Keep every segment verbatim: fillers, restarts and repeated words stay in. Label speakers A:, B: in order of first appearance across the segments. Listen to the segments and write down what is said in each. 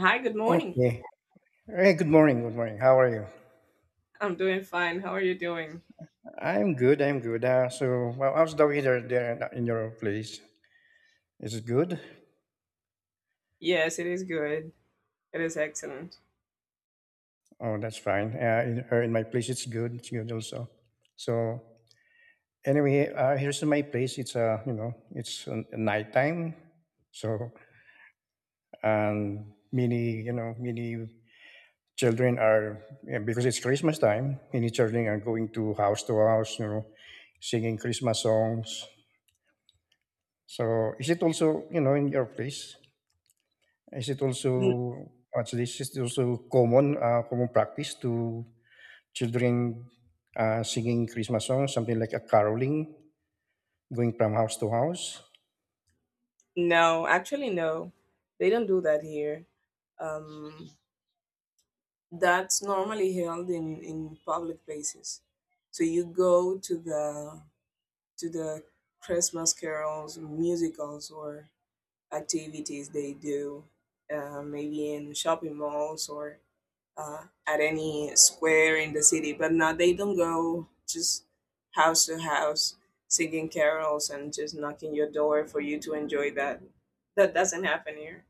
A: Hi, good morning.
B: Okay. Hey, good morning. Good morning. How are you?
A: I'm doing fine. How are you doing?
B: I'm good. I'm good. Uh, so, well, how's the weather there in your place? Is it good?
A: Yes, it is good. It is excellent.
B: Oh, that's fine. Uh, in, uh, in my place, it's good. It's good also. So, anyway, uh, here's in my place. It's uh, you know, it's uh, nighttime. So, and many, you know, many children are yeah, because it's Christmas time. Many children are going to house to house, you know, singing Christmas songs. So, is it also, you know, in your place? Is it
A: N-
B: also actually is it also common uh, common practice to children uh, singing Christmas songs, something like a caroling, going from house to house?
A: No, actually, no. They don't do that here. Um, that's normally held in, in public places. So you go to the to the Christmas carols, musicals, or activities they do, uh, maybe in shopping malls or uh, at any square in the city. But now they don't go just house to house singing carols and just knocking your door for you to enjoy that. That doesn't happen here.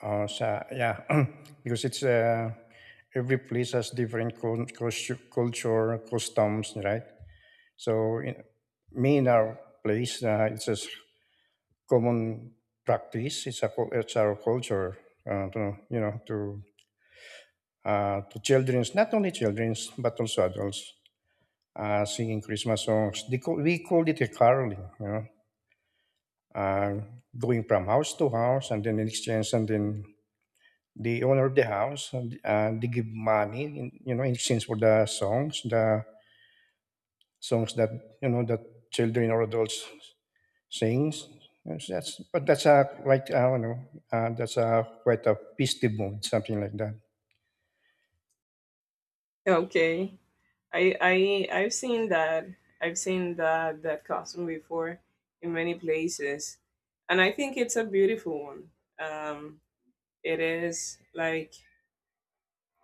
B: Uh, so yeah, because it's uh, every place has different cul- cul- culture customs, right? So in, me in our place, uh, it's a common practice. It's a cul- it's our culture, uh, to, you know, to uh, to childrens, not only childrens but also adults. uh, singing Christmas songs. They call, we called it a caroling, you know, uh, going from house to house and then in exchange, and then the owner of the house, and, uh, they give money, in, you know, in exchange for the songs, the songs that, you know, that children or adults sings. Yes, that's, but that's a like I don't know. Uh, that's a quite a festive mood, something like that.
A: Okay, I I I've seen that. I've seen that that costume before in many places, and I think it's a beautiful one. Um, it is like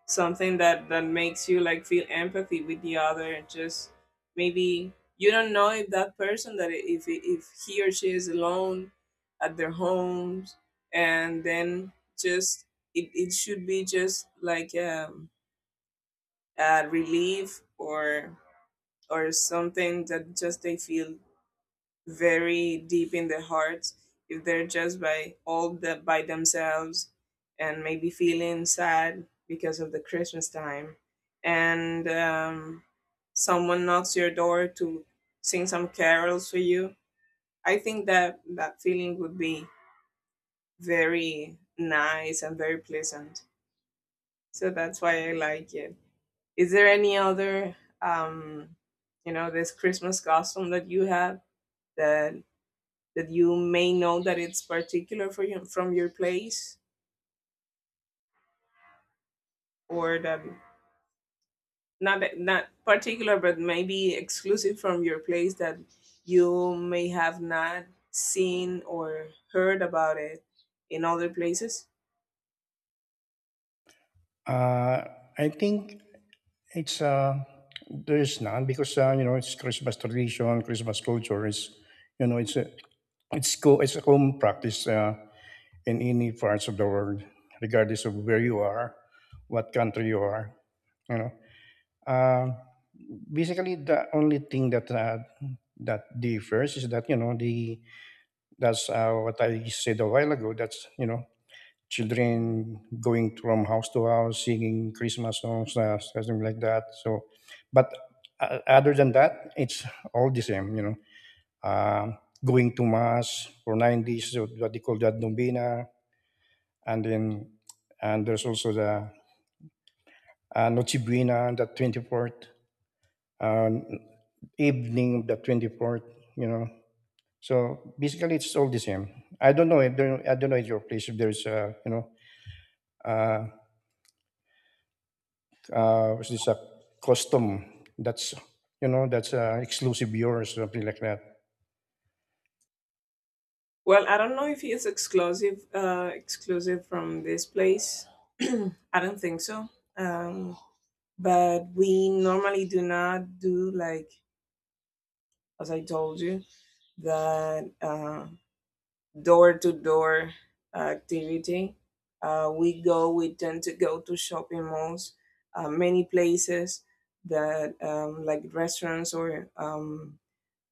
A: something that that makes you like feel empathy with the other. Just maybe you don't know if that person that i- if i- if he or she is alone at their homes, and then just it, it should be just like um, a relief, or or something that just they feel very deep in their hearts if they're just by all the, by themselves and maybe feeling sad because of the Christmas time. And um, someone knocks your door to sing some carols for you. I think that that feeling would be very nice and very pleasant, so that's why I like it. Is there any other um, you know, this Christmas costume that you have, that that you may know that it's particular for you from your place, or that not that not particular, but maybe exclusive from your place, that you may have not seen or heard about it in other places?
B: Uh, I think It's uh, there is none because uh, you know it's Christmas tradition, Christmas culture is you know it's a it's co- it's a common practice uh, in any parts of the world, regardless of where you are, what country you are. You know, uh, basically the only thing that uh, that differs is that you know the that's uh, what I said a while ago. That's you know children going from house to house singing Christmas songs, uh, something like that. So, but uh, other than that, it's all the same, you know. Um going to mass for nineties, so what they call that Dombina, and then and there's also the uh, Noche Buena on the twenty-fourth, uh, evening of the twenty-fourth, you know. So basically, it's all the same. I don't know. I don't, I don't know at your place if there's, uh, you know, uh, uh, was this a custom that's you know that's uh, exclusive beer or something like that.
A: Well, I don't know if it's exclusive uh, exclusive from this place. I don't think so. Um, but we normally do not do, like, as I told you, that uh, door to door activity. Uh, we go. We tend to go to shopping malls, uh, many places that um, like restaurants, or um,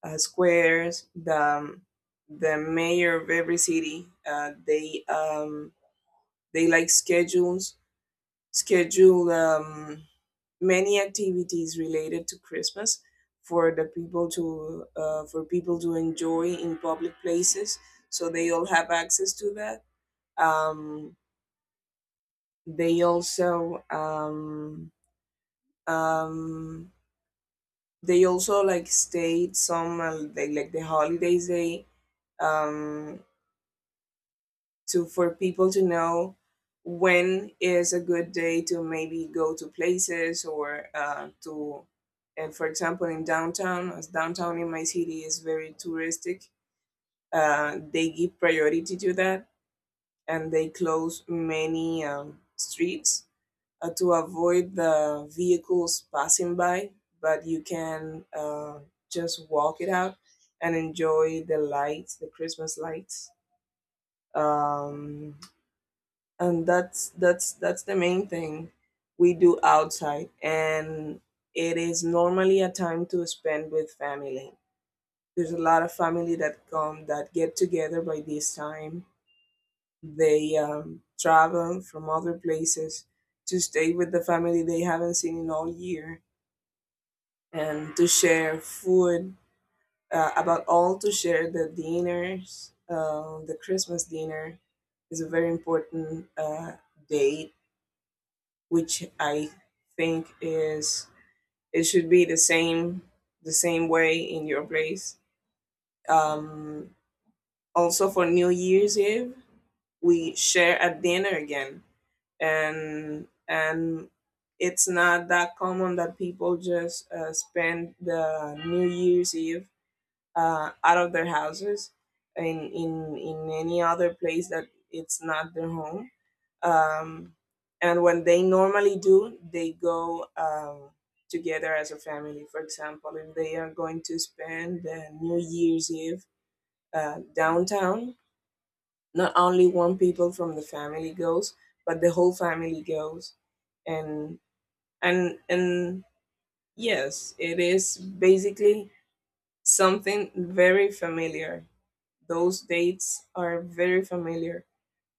A: uh, squares, the um, the mayor of every city. Uh, they um, they like schedules schedule um, many activities related to Christmas for the people to uh, for people to enjoy in public places. So they all have access to that. Um, they also um, um, they also like stayed some, uh, they like the holidays, they um to for people to know when is a good day to maybe go to places, or uh, to and for example, in downtown, as downtown in my city is very touristic, uh, they give priority to that, and they close many um, streets uh, to avoid the vehicles passing by. But you can uh, just walk it out and enjoy the lights, the Christmas lights, um, and that's that's that's the main thing we do outside. And it is normally a time to spend with family. There's a lot of family that come, that get together by this time. They um, travel from other places to stay with the family they haven't seen in all year, and to share food, uh, about all to share the dinners. Uh, the Christmas dinner is a very important uh, date, which I think is it should be the same, the same way in your place. Um, Also for New Year's Eve, we share a dinner again, and and it's not that common that people just uh, spend the New Year's Eve uh, out of their houses, in in in any other place that it's not their home. um, and when they normally do, they go um, together as a family. For example, if they are going to spend uh, New Year's Eve uh, downtown, not only one people from the family goes, but the whole family goes. And and and yes, it is basically something very familiar. Those dates are very familiar.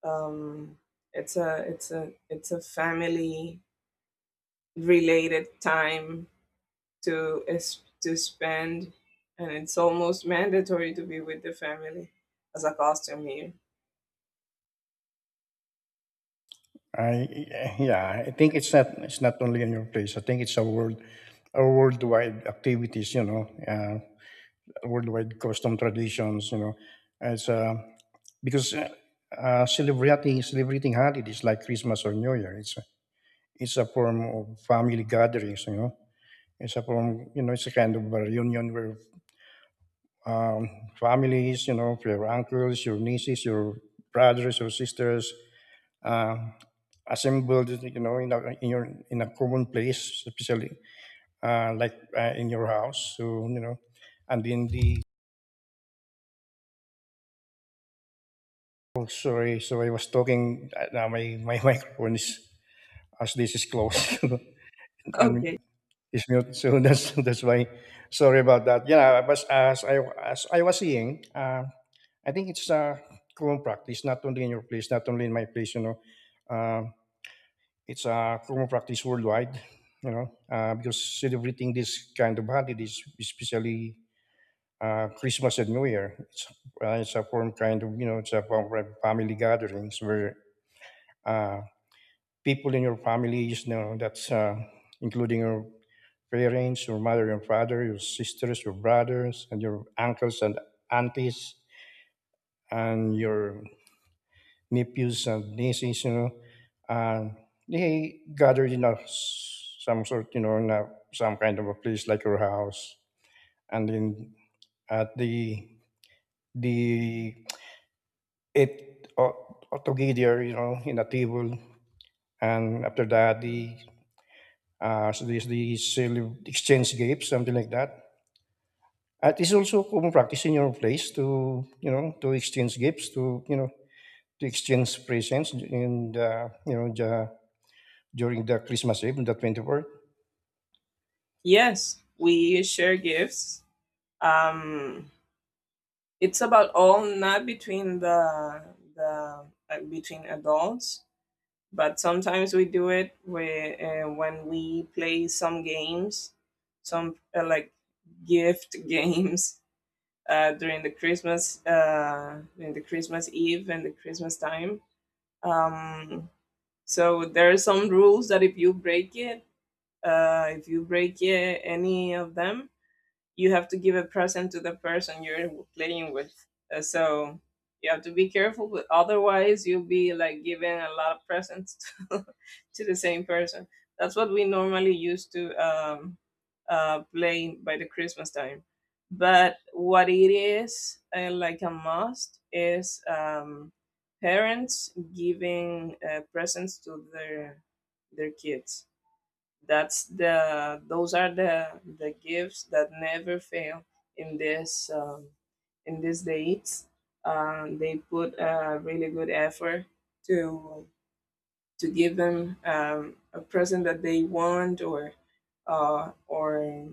A: um, it's a it's a it's a family related time to es- to spend, and it's almost mandatory to be with the family as a costume here.
B: I yeah, I think it's not it's not only in your place. I think it's a world a worldwide activities. You know, uh, worldwide custom traditions. You know, it's uh, because uh, uh, celebrating celebrating holidays like Christmas or New Year, it's a, it's a form of family gatherings. You know, it's a form you know it's a kind of a reunion where um, families, you know, your uncles, your nieces, your brothers, your sisters, uh, assembled, you know, in a, in your in a common place, especially uh, like uh, in your house. So you know, and then the oh, sorry, so I was talking. Uh, now my my microphone is as this is closed
A: Okay.
B: and it's mute. So that's that's why. Sorry about that. Yeah, but as I as I was saying. Uh, I think it's a common practice, not only in your place, not only in my place, you know. Uh, it's a common practice worldwide, you know, uh, because celebrating this kind of holidays, especially uh, Christmas and New Year, it's, uh, it's a form kind of, you know, it's a form of family gatherings where uh, people in your families, you know, that's uh, including your parents, your mother, your father, your sisters, your brothers, and your uncles and aunties, and your nephews and nieces, you know, and they gathered in a s- some sort, you know, in a, some kind of a place like your house, and then at the the it all, all together, you know, in a table, and after that the uh, so this the cele- exchange gifts, something like that. And it's also common practice in your place to you know to exchange gifts, to you know to exchange presents, in the you know the during the Christmas Eve, the twenty-fourth.
A: Yes, we share gifts. Um, it's about all not between the the uh, between adults, but sometimes we do it where uh, when we play some games, some uh, like gift games uh, during the Christmas uh, during the Christmas Eve and the Christmas time. Um, so there are some rules that if you break it, uh, if you break it, any of them, you have to give a present to the person you're playing with. Uh, so you have to be careful, but otherwise you'll be like giving a lot of presents to, to the same person. That's what we normally used to um, uh, play by the Christmas time. But what it is, uh, like a must, is um, parents giving uh, presents to their their kids. That's the Those are the the gifts that never fail in this um, in these dates. Um, they put a really good effort to to give them um, a present that they want, or uh, or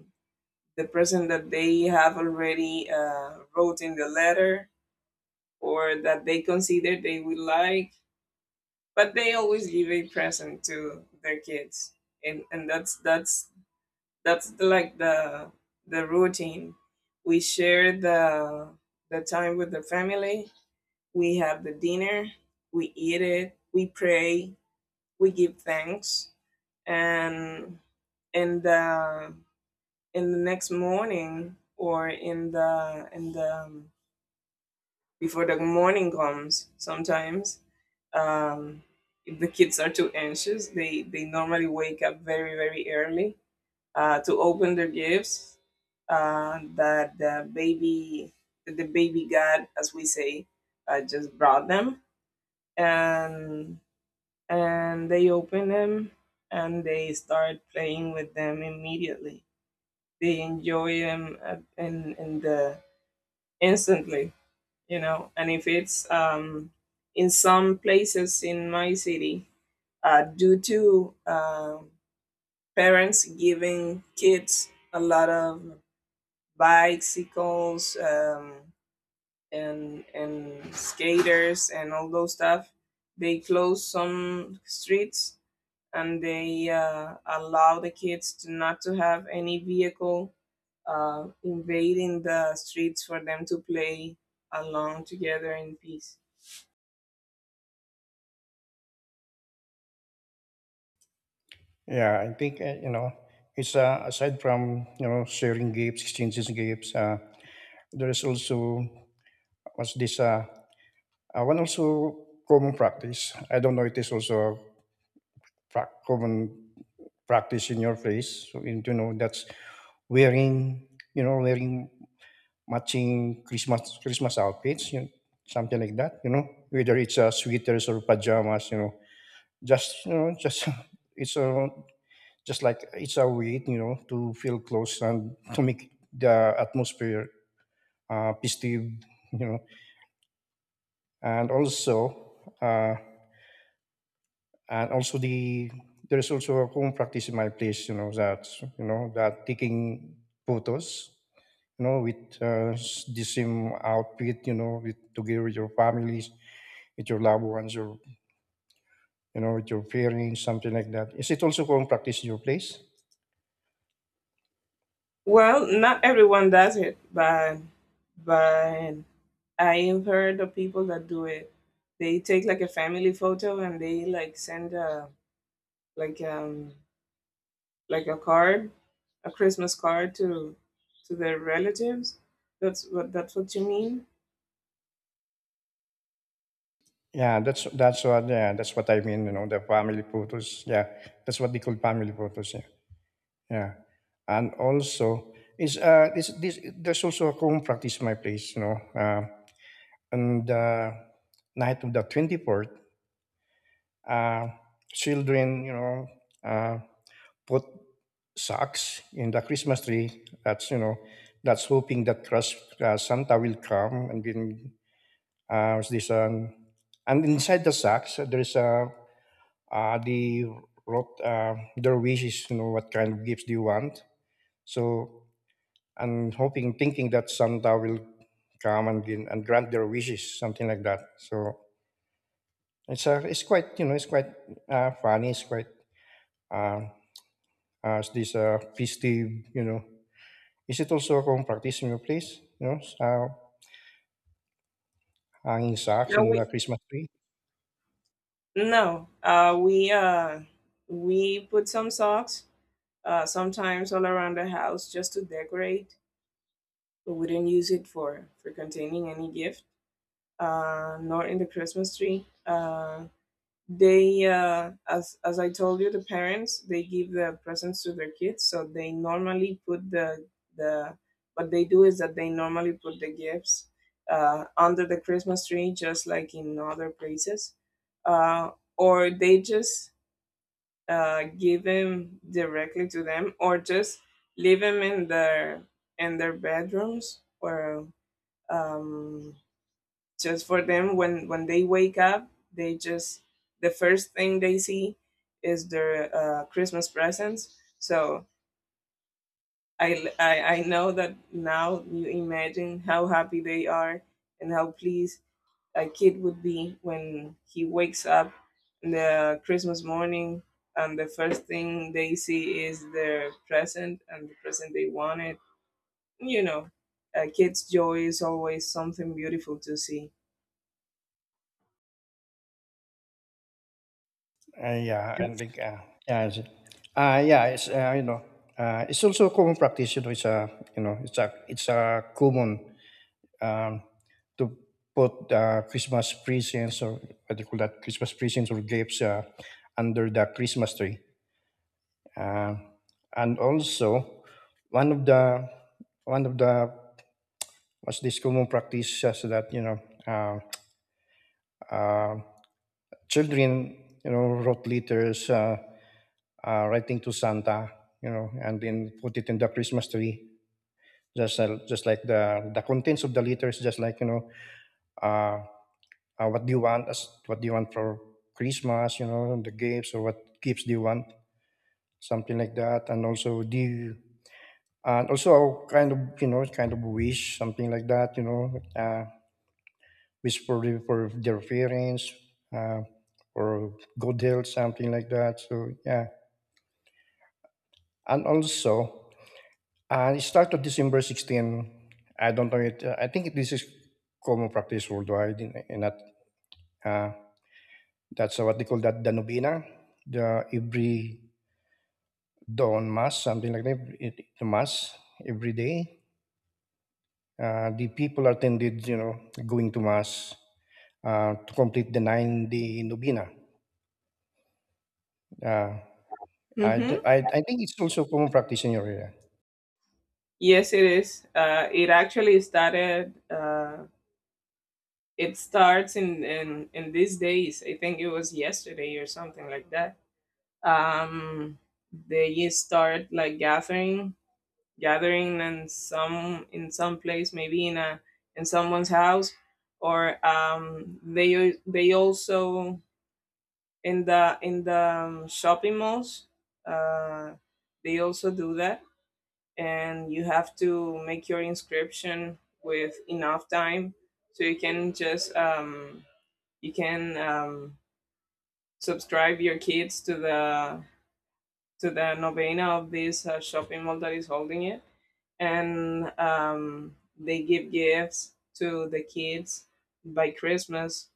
A: the present that they have already uh, wrote in the letter, or that they consider they would like. But they always give a present to their kids. And and that's that's that's the, like the the routine. We share the the time with the family, we have the dinner, we eat it, we pray, we give thanks. And in the in the next morning, or in the in the before the morning comes sometimes, um if the kids are too anxious, they they normally wake up very very early uh, to open their gifts, uh, that the baby the baby god, as we say, uh, just brought them. and and they open them, and they start playing with them immediately. They enjoy them uh, in, in the instantly, you know. And if it's um, in some places in my city uh, due to um parents giving kids a lot of bicycles, um, and and skaters and all those stuff, they close some streets, and they uh, allow the kids to not to have any vehicle uh, invading the streets for them to play along together in peace.
B: Yeah, I think, uh, you know, it's uh, aside from, you know, sharing gifts, exchanges gifts, uh, there is also, what's this, uh, uh, one also common practice. I don't know, it is also pra- common practice in your place. So, in- you know, that's wearing, you know, wearing matching Christmas Christmas outfits, you know, something like that, you know, whether it's uh, sweaters or pajamas, you know, just, you know, just, it's a just like it's our weight, you know, to feel close and to make the atmosphere uh, festive, you know, and also uh, and also the there's also a home practice in my place, you know, that you know that taking photos, you know, with uh, s- the same outfit, you know, with together with your families, with your loved ones, your you know, with your parents, something like that. Is it also home practice in your place?
A: Well, not everyone does it, but but I have heard of people that do it. They take like a family photo, and they like send a like um like a card, a Christmas card to to their relatives. That's what that's what you mean.
B: Yeah, that's that's what yeah, that's what I mean, you know, the family photos. Yeah. That's what they call family photos, yeah. Yeah. And also is uh this this there's also a home practice in my place, you know. Uh, on the night of the twenty-fourth, uh children, you know, uh put socks in the Christmas tree. That's you know, that's hoping that Crus- uh, Santa will come and then uh, what's this um, and inside the socks uh, there's uh, uh, the wrote uh, their wishes. You know what kind of gifts do you want? So and hoping, thinking that Santa will come and then- and grant their wishes, something like that. So it's uh, it's quite you know it's quite uh, funny. It's quite uh, uh, it's this uh, festive you know Is it also akong practice in your place, you know, sa hanging socks
A: No,
B: in
A: we
B: the Christmas tree?
A: no. Uh, we uh, we put some socks uh, sometimes all around the house just to decorate, but we didn't use it for for containing any gift, uh, nor in the Christmas tree. Uh, they uh, as as I told you, the parents they give the presents to their kids, so they normally put the the what they do is that they normally put the gifts uh, under the Christmas tree, just like in other places. uh, or they just uh, give them directly to them, or just leave them in their in their bedrooms, or um, just for them when when they wake up, they just the first thing they see is their uh, Christmas presents. So I, I i know that now, you imagine how happy they are and how pleased a kid would be when he wakes up in the Christmas morning, and the first thing they see is their present, and the present they wanted, you know. A kid's joy is always something beautiful to see.
B: Uh, yeah, and like, uh, yeah, it's, uh, yeah, it's, uh, you know, uh, it's also a common practice, you know, it's a, you know, it's a, it's a common, um, to put, uh, Christmas presents or what do you call that, Christmas presents or gifts, uh, under the Christmas tree. Uh, and also, one of the, one of the, what's this common practice is that, you know, uh, uh, children, you know, wrote letters uh, uh, writing to Santa, you know, and then put it in the Christmas tree. Just, uh, just like the the contents of the letters, just like you know, uh, uh, what do you want? What do you want for Christmas? You know, the gifts or what gifts do you want? Something like that. And also, do you, and also kind of you know, kind of wish something like that. You know, uh, wish for the- for their parents, uh, or good health, something like that. So yeah, and also, uh, it started December sixteenth, I don't know it. uh, I think this is common practice worldwide in, in that uh, that's what they call that the novena, the every dawn mass, something like that. It, the mass every day. Uh, the people attended, you know, going to mass uh, to complete the nine-day novena. Uh, I, do-
A: Hmm.
B: I, I think it's also common practice in your area.
A: Yes, it is. Uh, it actually started. Uh, it starts in, in in these days. I think it was yesterday or something like that. Um, they start like gathering, gathering, and some in some place, maybe in a in someone's house, or um, they al- they also in the in the um, shopping malls. Uh, they also do that, and you have to make your inscription with enough time, so you can just um, you can um, subscribe your kids to the to the novena of this uh, shopping mall that is holding it. And um, they give gifts to the kids by Christmas.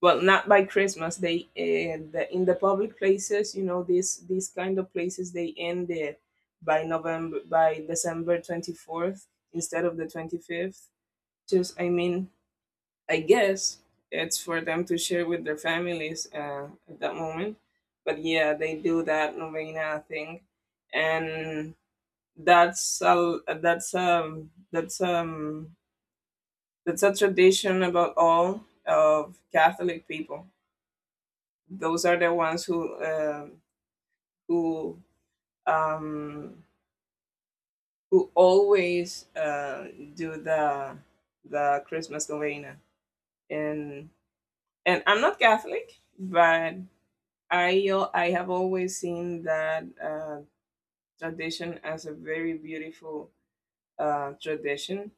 A: Well, not by Christmas. They uh, the, in the public places, you know, these these kind of places, they end it by November, by December twenty fourth, instead of the twenty fifth. Just I mean, I guess it's for them to share with their families uh, at that moment. But yeah, they do that novena thing. And that's a that's um that's um that's a tradition about all of Catholic people. Those are the ones who um who um who always uh, do the the Christmas novena. And and I'm not Catholic, but I al- I have always seen that uh, tradition as a very beautiful uh, tradition.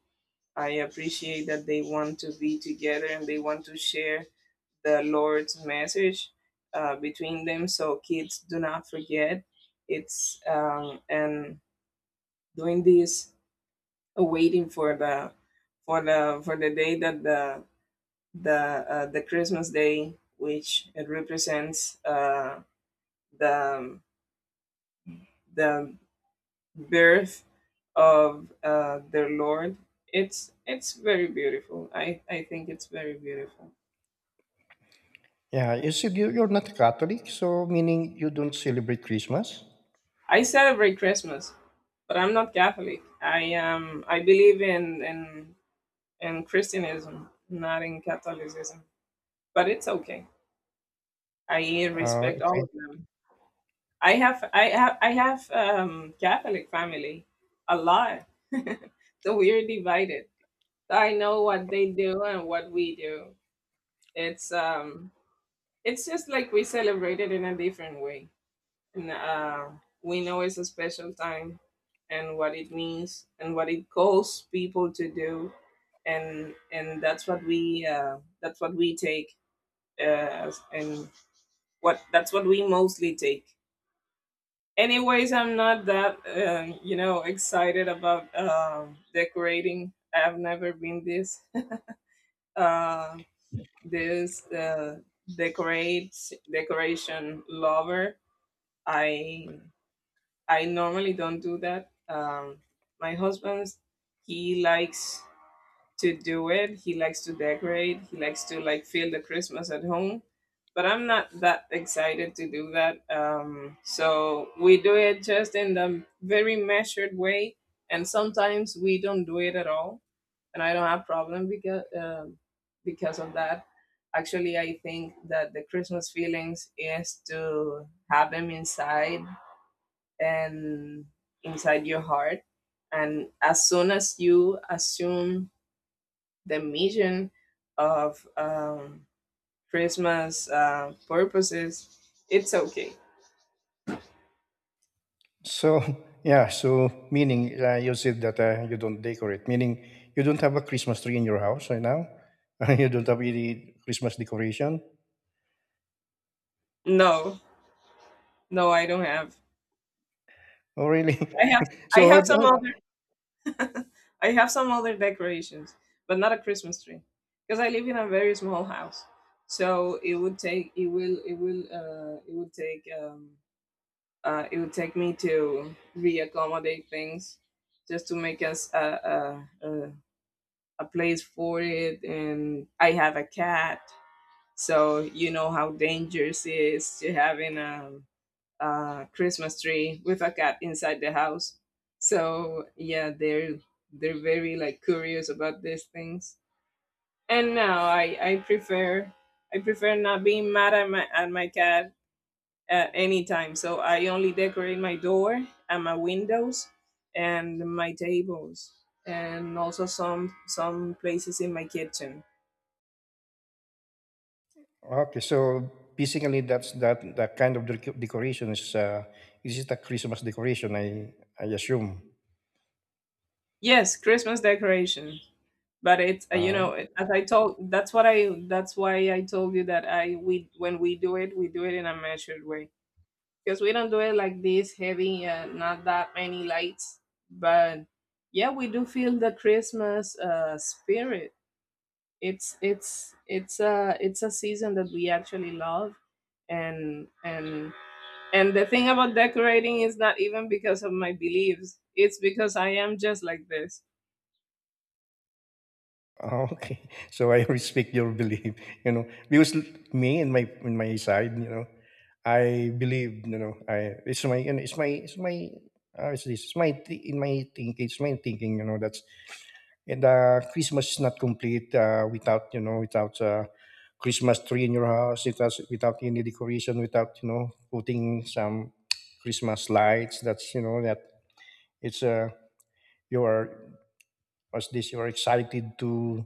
A: I appreciate that they want to be together and they want to share the Lord's message uh, between them so kids do not forget. It's um, And doing this, uh, waiting for the for the for the day that the the uh, the Christmas day, which it represents uh, the the birth of uh, their Lord. It's it's very beautiful. I I think it's very beautiful.
B: Yeah, you said you, you're not Catholic, so meaning you don't celebrate Christmas.
A: I celebrate Christmas, but I'm not Catholic. I am. I believe in in in Christianism, not in Catholicism. But it's okay. I
B: Ah,
A: respect
B: okay.
A: all of them. I have I have I have um, Catholic family, a lot. So we're divided. So I know what they do and what we do. It's um it's just like we celebrate it in a different way. And, uh, we know it's a special time and what it means and what it calls people to do. And, and that's what we, uh, that's what we take, uh, as- and what, that's what we mostly take. Anyways, I'm not that, uh, you know, excited about, um, decorating. I've never been this, uh, this, uh, decorate, decoration lover. I I normally don't do that. Um, my husband, he likes to do it. He likes to decorate. He likes to like feel the Christmas at home. But I'm not that excited to do that. Um, so we do it just in the very measured way, and sometimes we don't do it at all. And I don't have problem because um, because of that. Actually, I think that the Christmas feelings is to have them inside and inside your heart. And as soon as you assume the mission of um, Christmas uh, purposes, it's okay.
B: So yeah, so meaning uh, you said that uh, you don't decorate, meaning you don't have a Christmas tree in your house right now. you don't have any Christmas decoration.
A: No, no, I don't have.
B: Oh, really?
A: I have I
B: so how,
A: have some
B: how-
A: other I have some other decorations, but not a Christmas tree because I live in a very small house. So it would take it will it will uh it would take um uh, it would take me to reaccommodate things just to make us a, a, a, a place for it. And I have a cat, so you know how dangerous it is to having a, a Christmas tree with a cat inside the house. So yeah, they're they're very like curious about these things. And now I, I prefer I prefer not being mad at my at my cat at any time. So I only decorate my door and my windows and my tables and also some some places in my kitchen.
B: okay, so basically that's that that kind of dec- decoration is uh, is it a Christmas decoration? I I assume.
A: Yes, Christmas decoration. But it's uh, you
B: Uh,
A: know, as I told, that's what I that's why I told you that I we when we do it we do it in a measured way because we don't do it like this heavy, uh, not that many lights, but yeah we do feel the Christmas uh, spirit. It's it's it's a it's a season that we actually love, and and and the thing about decorating is not even because of my beliefs, it's because I am just like this.
B: Oh, okay, so I respect your belief, you know, because l- me and my in my side, you know, I believe, you know, I it's my you know, it's my it's my uh, this it's my thi- in my thinking it's my thinking, you know, that's and uh, Christmas is not complete uh, without you know without uh, Christmas tree in your house, without without any decoration, without you know putting some Christmas lights. That's you know that it's uh, you are as this you are excited to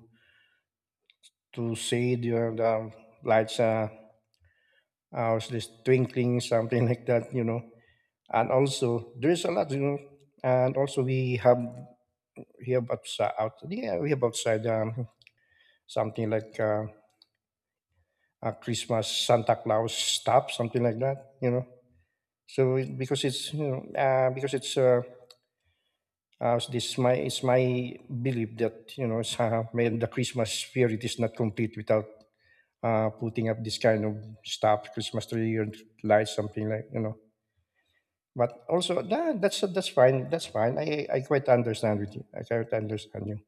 B: to see the, the lights are uh, are just twinkling, something like that, you know. And also, there is a lot, you know. And also, we have we have outside, out, yeah, we have outside um, something like uh, a Christmas Santa Claus stuff, something like that, you know. So it- because it's you know uh, because it's uh, uh, this my it's my belief that you know it's, uh, may- the Christmas spirit is not complete without uh, putting up this kind of stuff, Christmas tree or lights, something like you know. But also, nah, that's that's fine. That's fine. I I quite understand with you. I quite understand you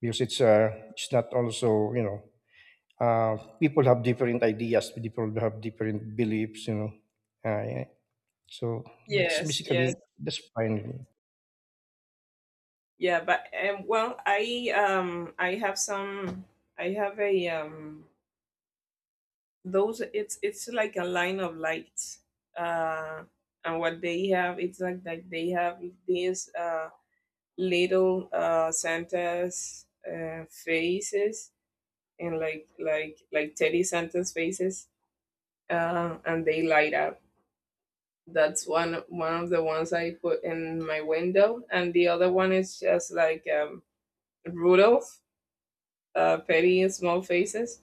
B: because it's uh it's not also you know uh people have different ideas. People have different beliefs. You know. Uh, yeah. So that's
A: Yes, yes.
B: basically that's fine.
A: Yeah, but um, well i um I have some. I have a um those it's it's like a line of lights, uh and what they have, it's like, like they have these uh little uh Santa's uh faces, and like like like Teddy Santa's faces, um, and they light up. That's one one of the ones I put in my window, and the other one is just like um, Rudolph, uh, Petty Small Faces,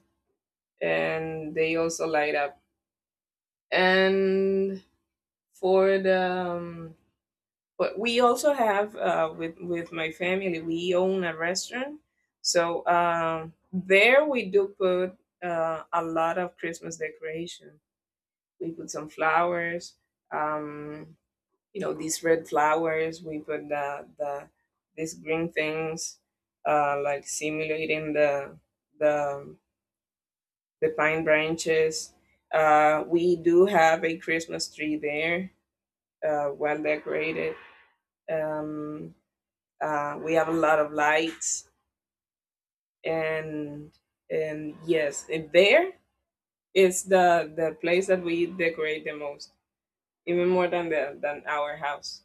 A: and they also light up. And for the um, but we also have, uh, with with my family, we own a restaurant, so um, there we do put, uh, a lot of Christmas decoration. We put some flowers, um, you know, these red flowers. We put the, the, these green things, uh, like simulating the the the pine branches. Uh, we do have a Christmas tree there, uh, well decorated. Um, uh, we have a lot of lights, and and yes, it, there is the the place that we decorate the most, even more than the than our house.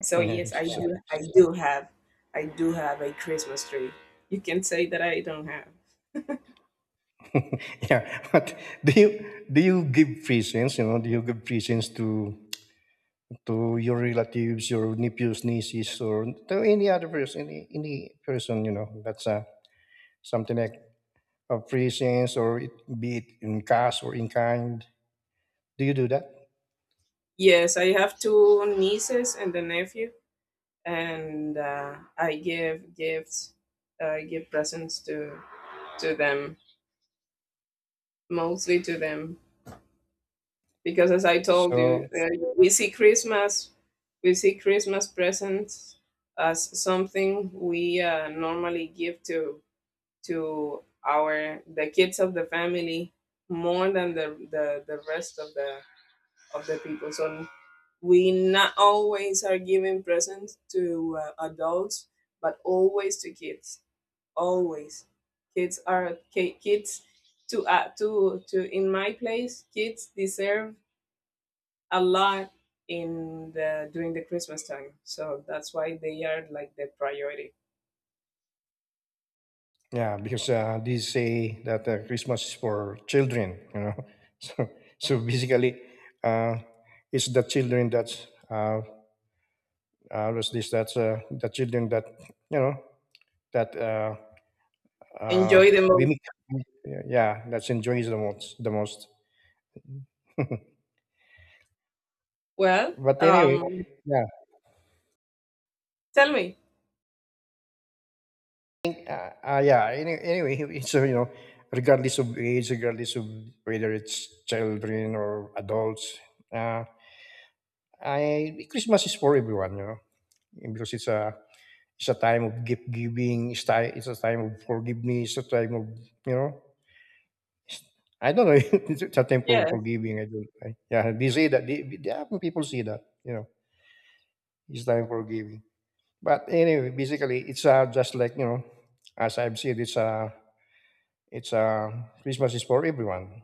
A: So
B: Yeah.
A: yes, I
B: So
A: do. I do have. I do have a Christmas tree. You can say that I don't have.
B: yeah. But do you do you give presents? You know, do you give presents to to your relatives, your nephews, nieces, or to any other person, any, any person, you know, that's uh, something like a presents or it, be it in cash or in kind. Do you do that?
A: Yes, I have two nieces and a nephew, and uh, I give gifts. Uh, I give presents to to them, mostly to them, because as I told
B: So,
A: you, uh, we see Christmas, we see Christmas presents as something we uh, normally give to to our the kids of the family more than the the, the rest of the of the people. So we not always are giving presents to uh, adults, but always to kids, always. Kids are ki- kids. To uh, to to in my place, kids deserve a lot in the during the Christmas time, so that's why they are like the priority.
B: yeah, because uh, they say that uh, Christmas is for children, you know. So, so basically, uh, it's the children that's, uh, uh, what's this, that's uh, the children that, you know, that uh, uh,
A: Enjoy the
B: we
A: most.
B: make, yeah, that's enjoys the most, the most.
A: well
B: But anyway,
A: um
B: yeah,
A: Tell me.
B: think, uh, uh, yeah. Any, anyway, so you know, regardless of age, regardless of whether it's children or adults, uh, I Christmas is for everyone, you know, because it's a it's a time of gift giving. It's ti- it's a time of forgiveness. It's a time of you know. I don't know. it's a time for
A: Yeah.
B: forgiving. I don't. I, yeah, they say that. They, they, often people say that. You know, it's time for giving. But anyway, basically, it's uh, just like you know, as I've said, it's a it's uh, Christmas is for everyone.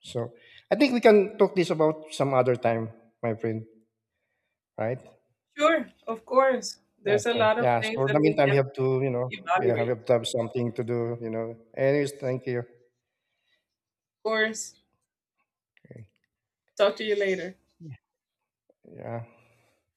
B: So I think we can talk this about some other time, my friend. Right?
A: Sure, of course.
B: Yes.
A: There's a
B: Yeah, so,
A: lot of
B: yeah. So
A: things
B: for the
A: that we
B: meantime, we
A: can
B: have to, you know, we
A: evaluate.
B: have to have something to do. You know. Anyways, thank you.
A: Of course.
B: Okay.
A: Talk to you later.
B: Yeah.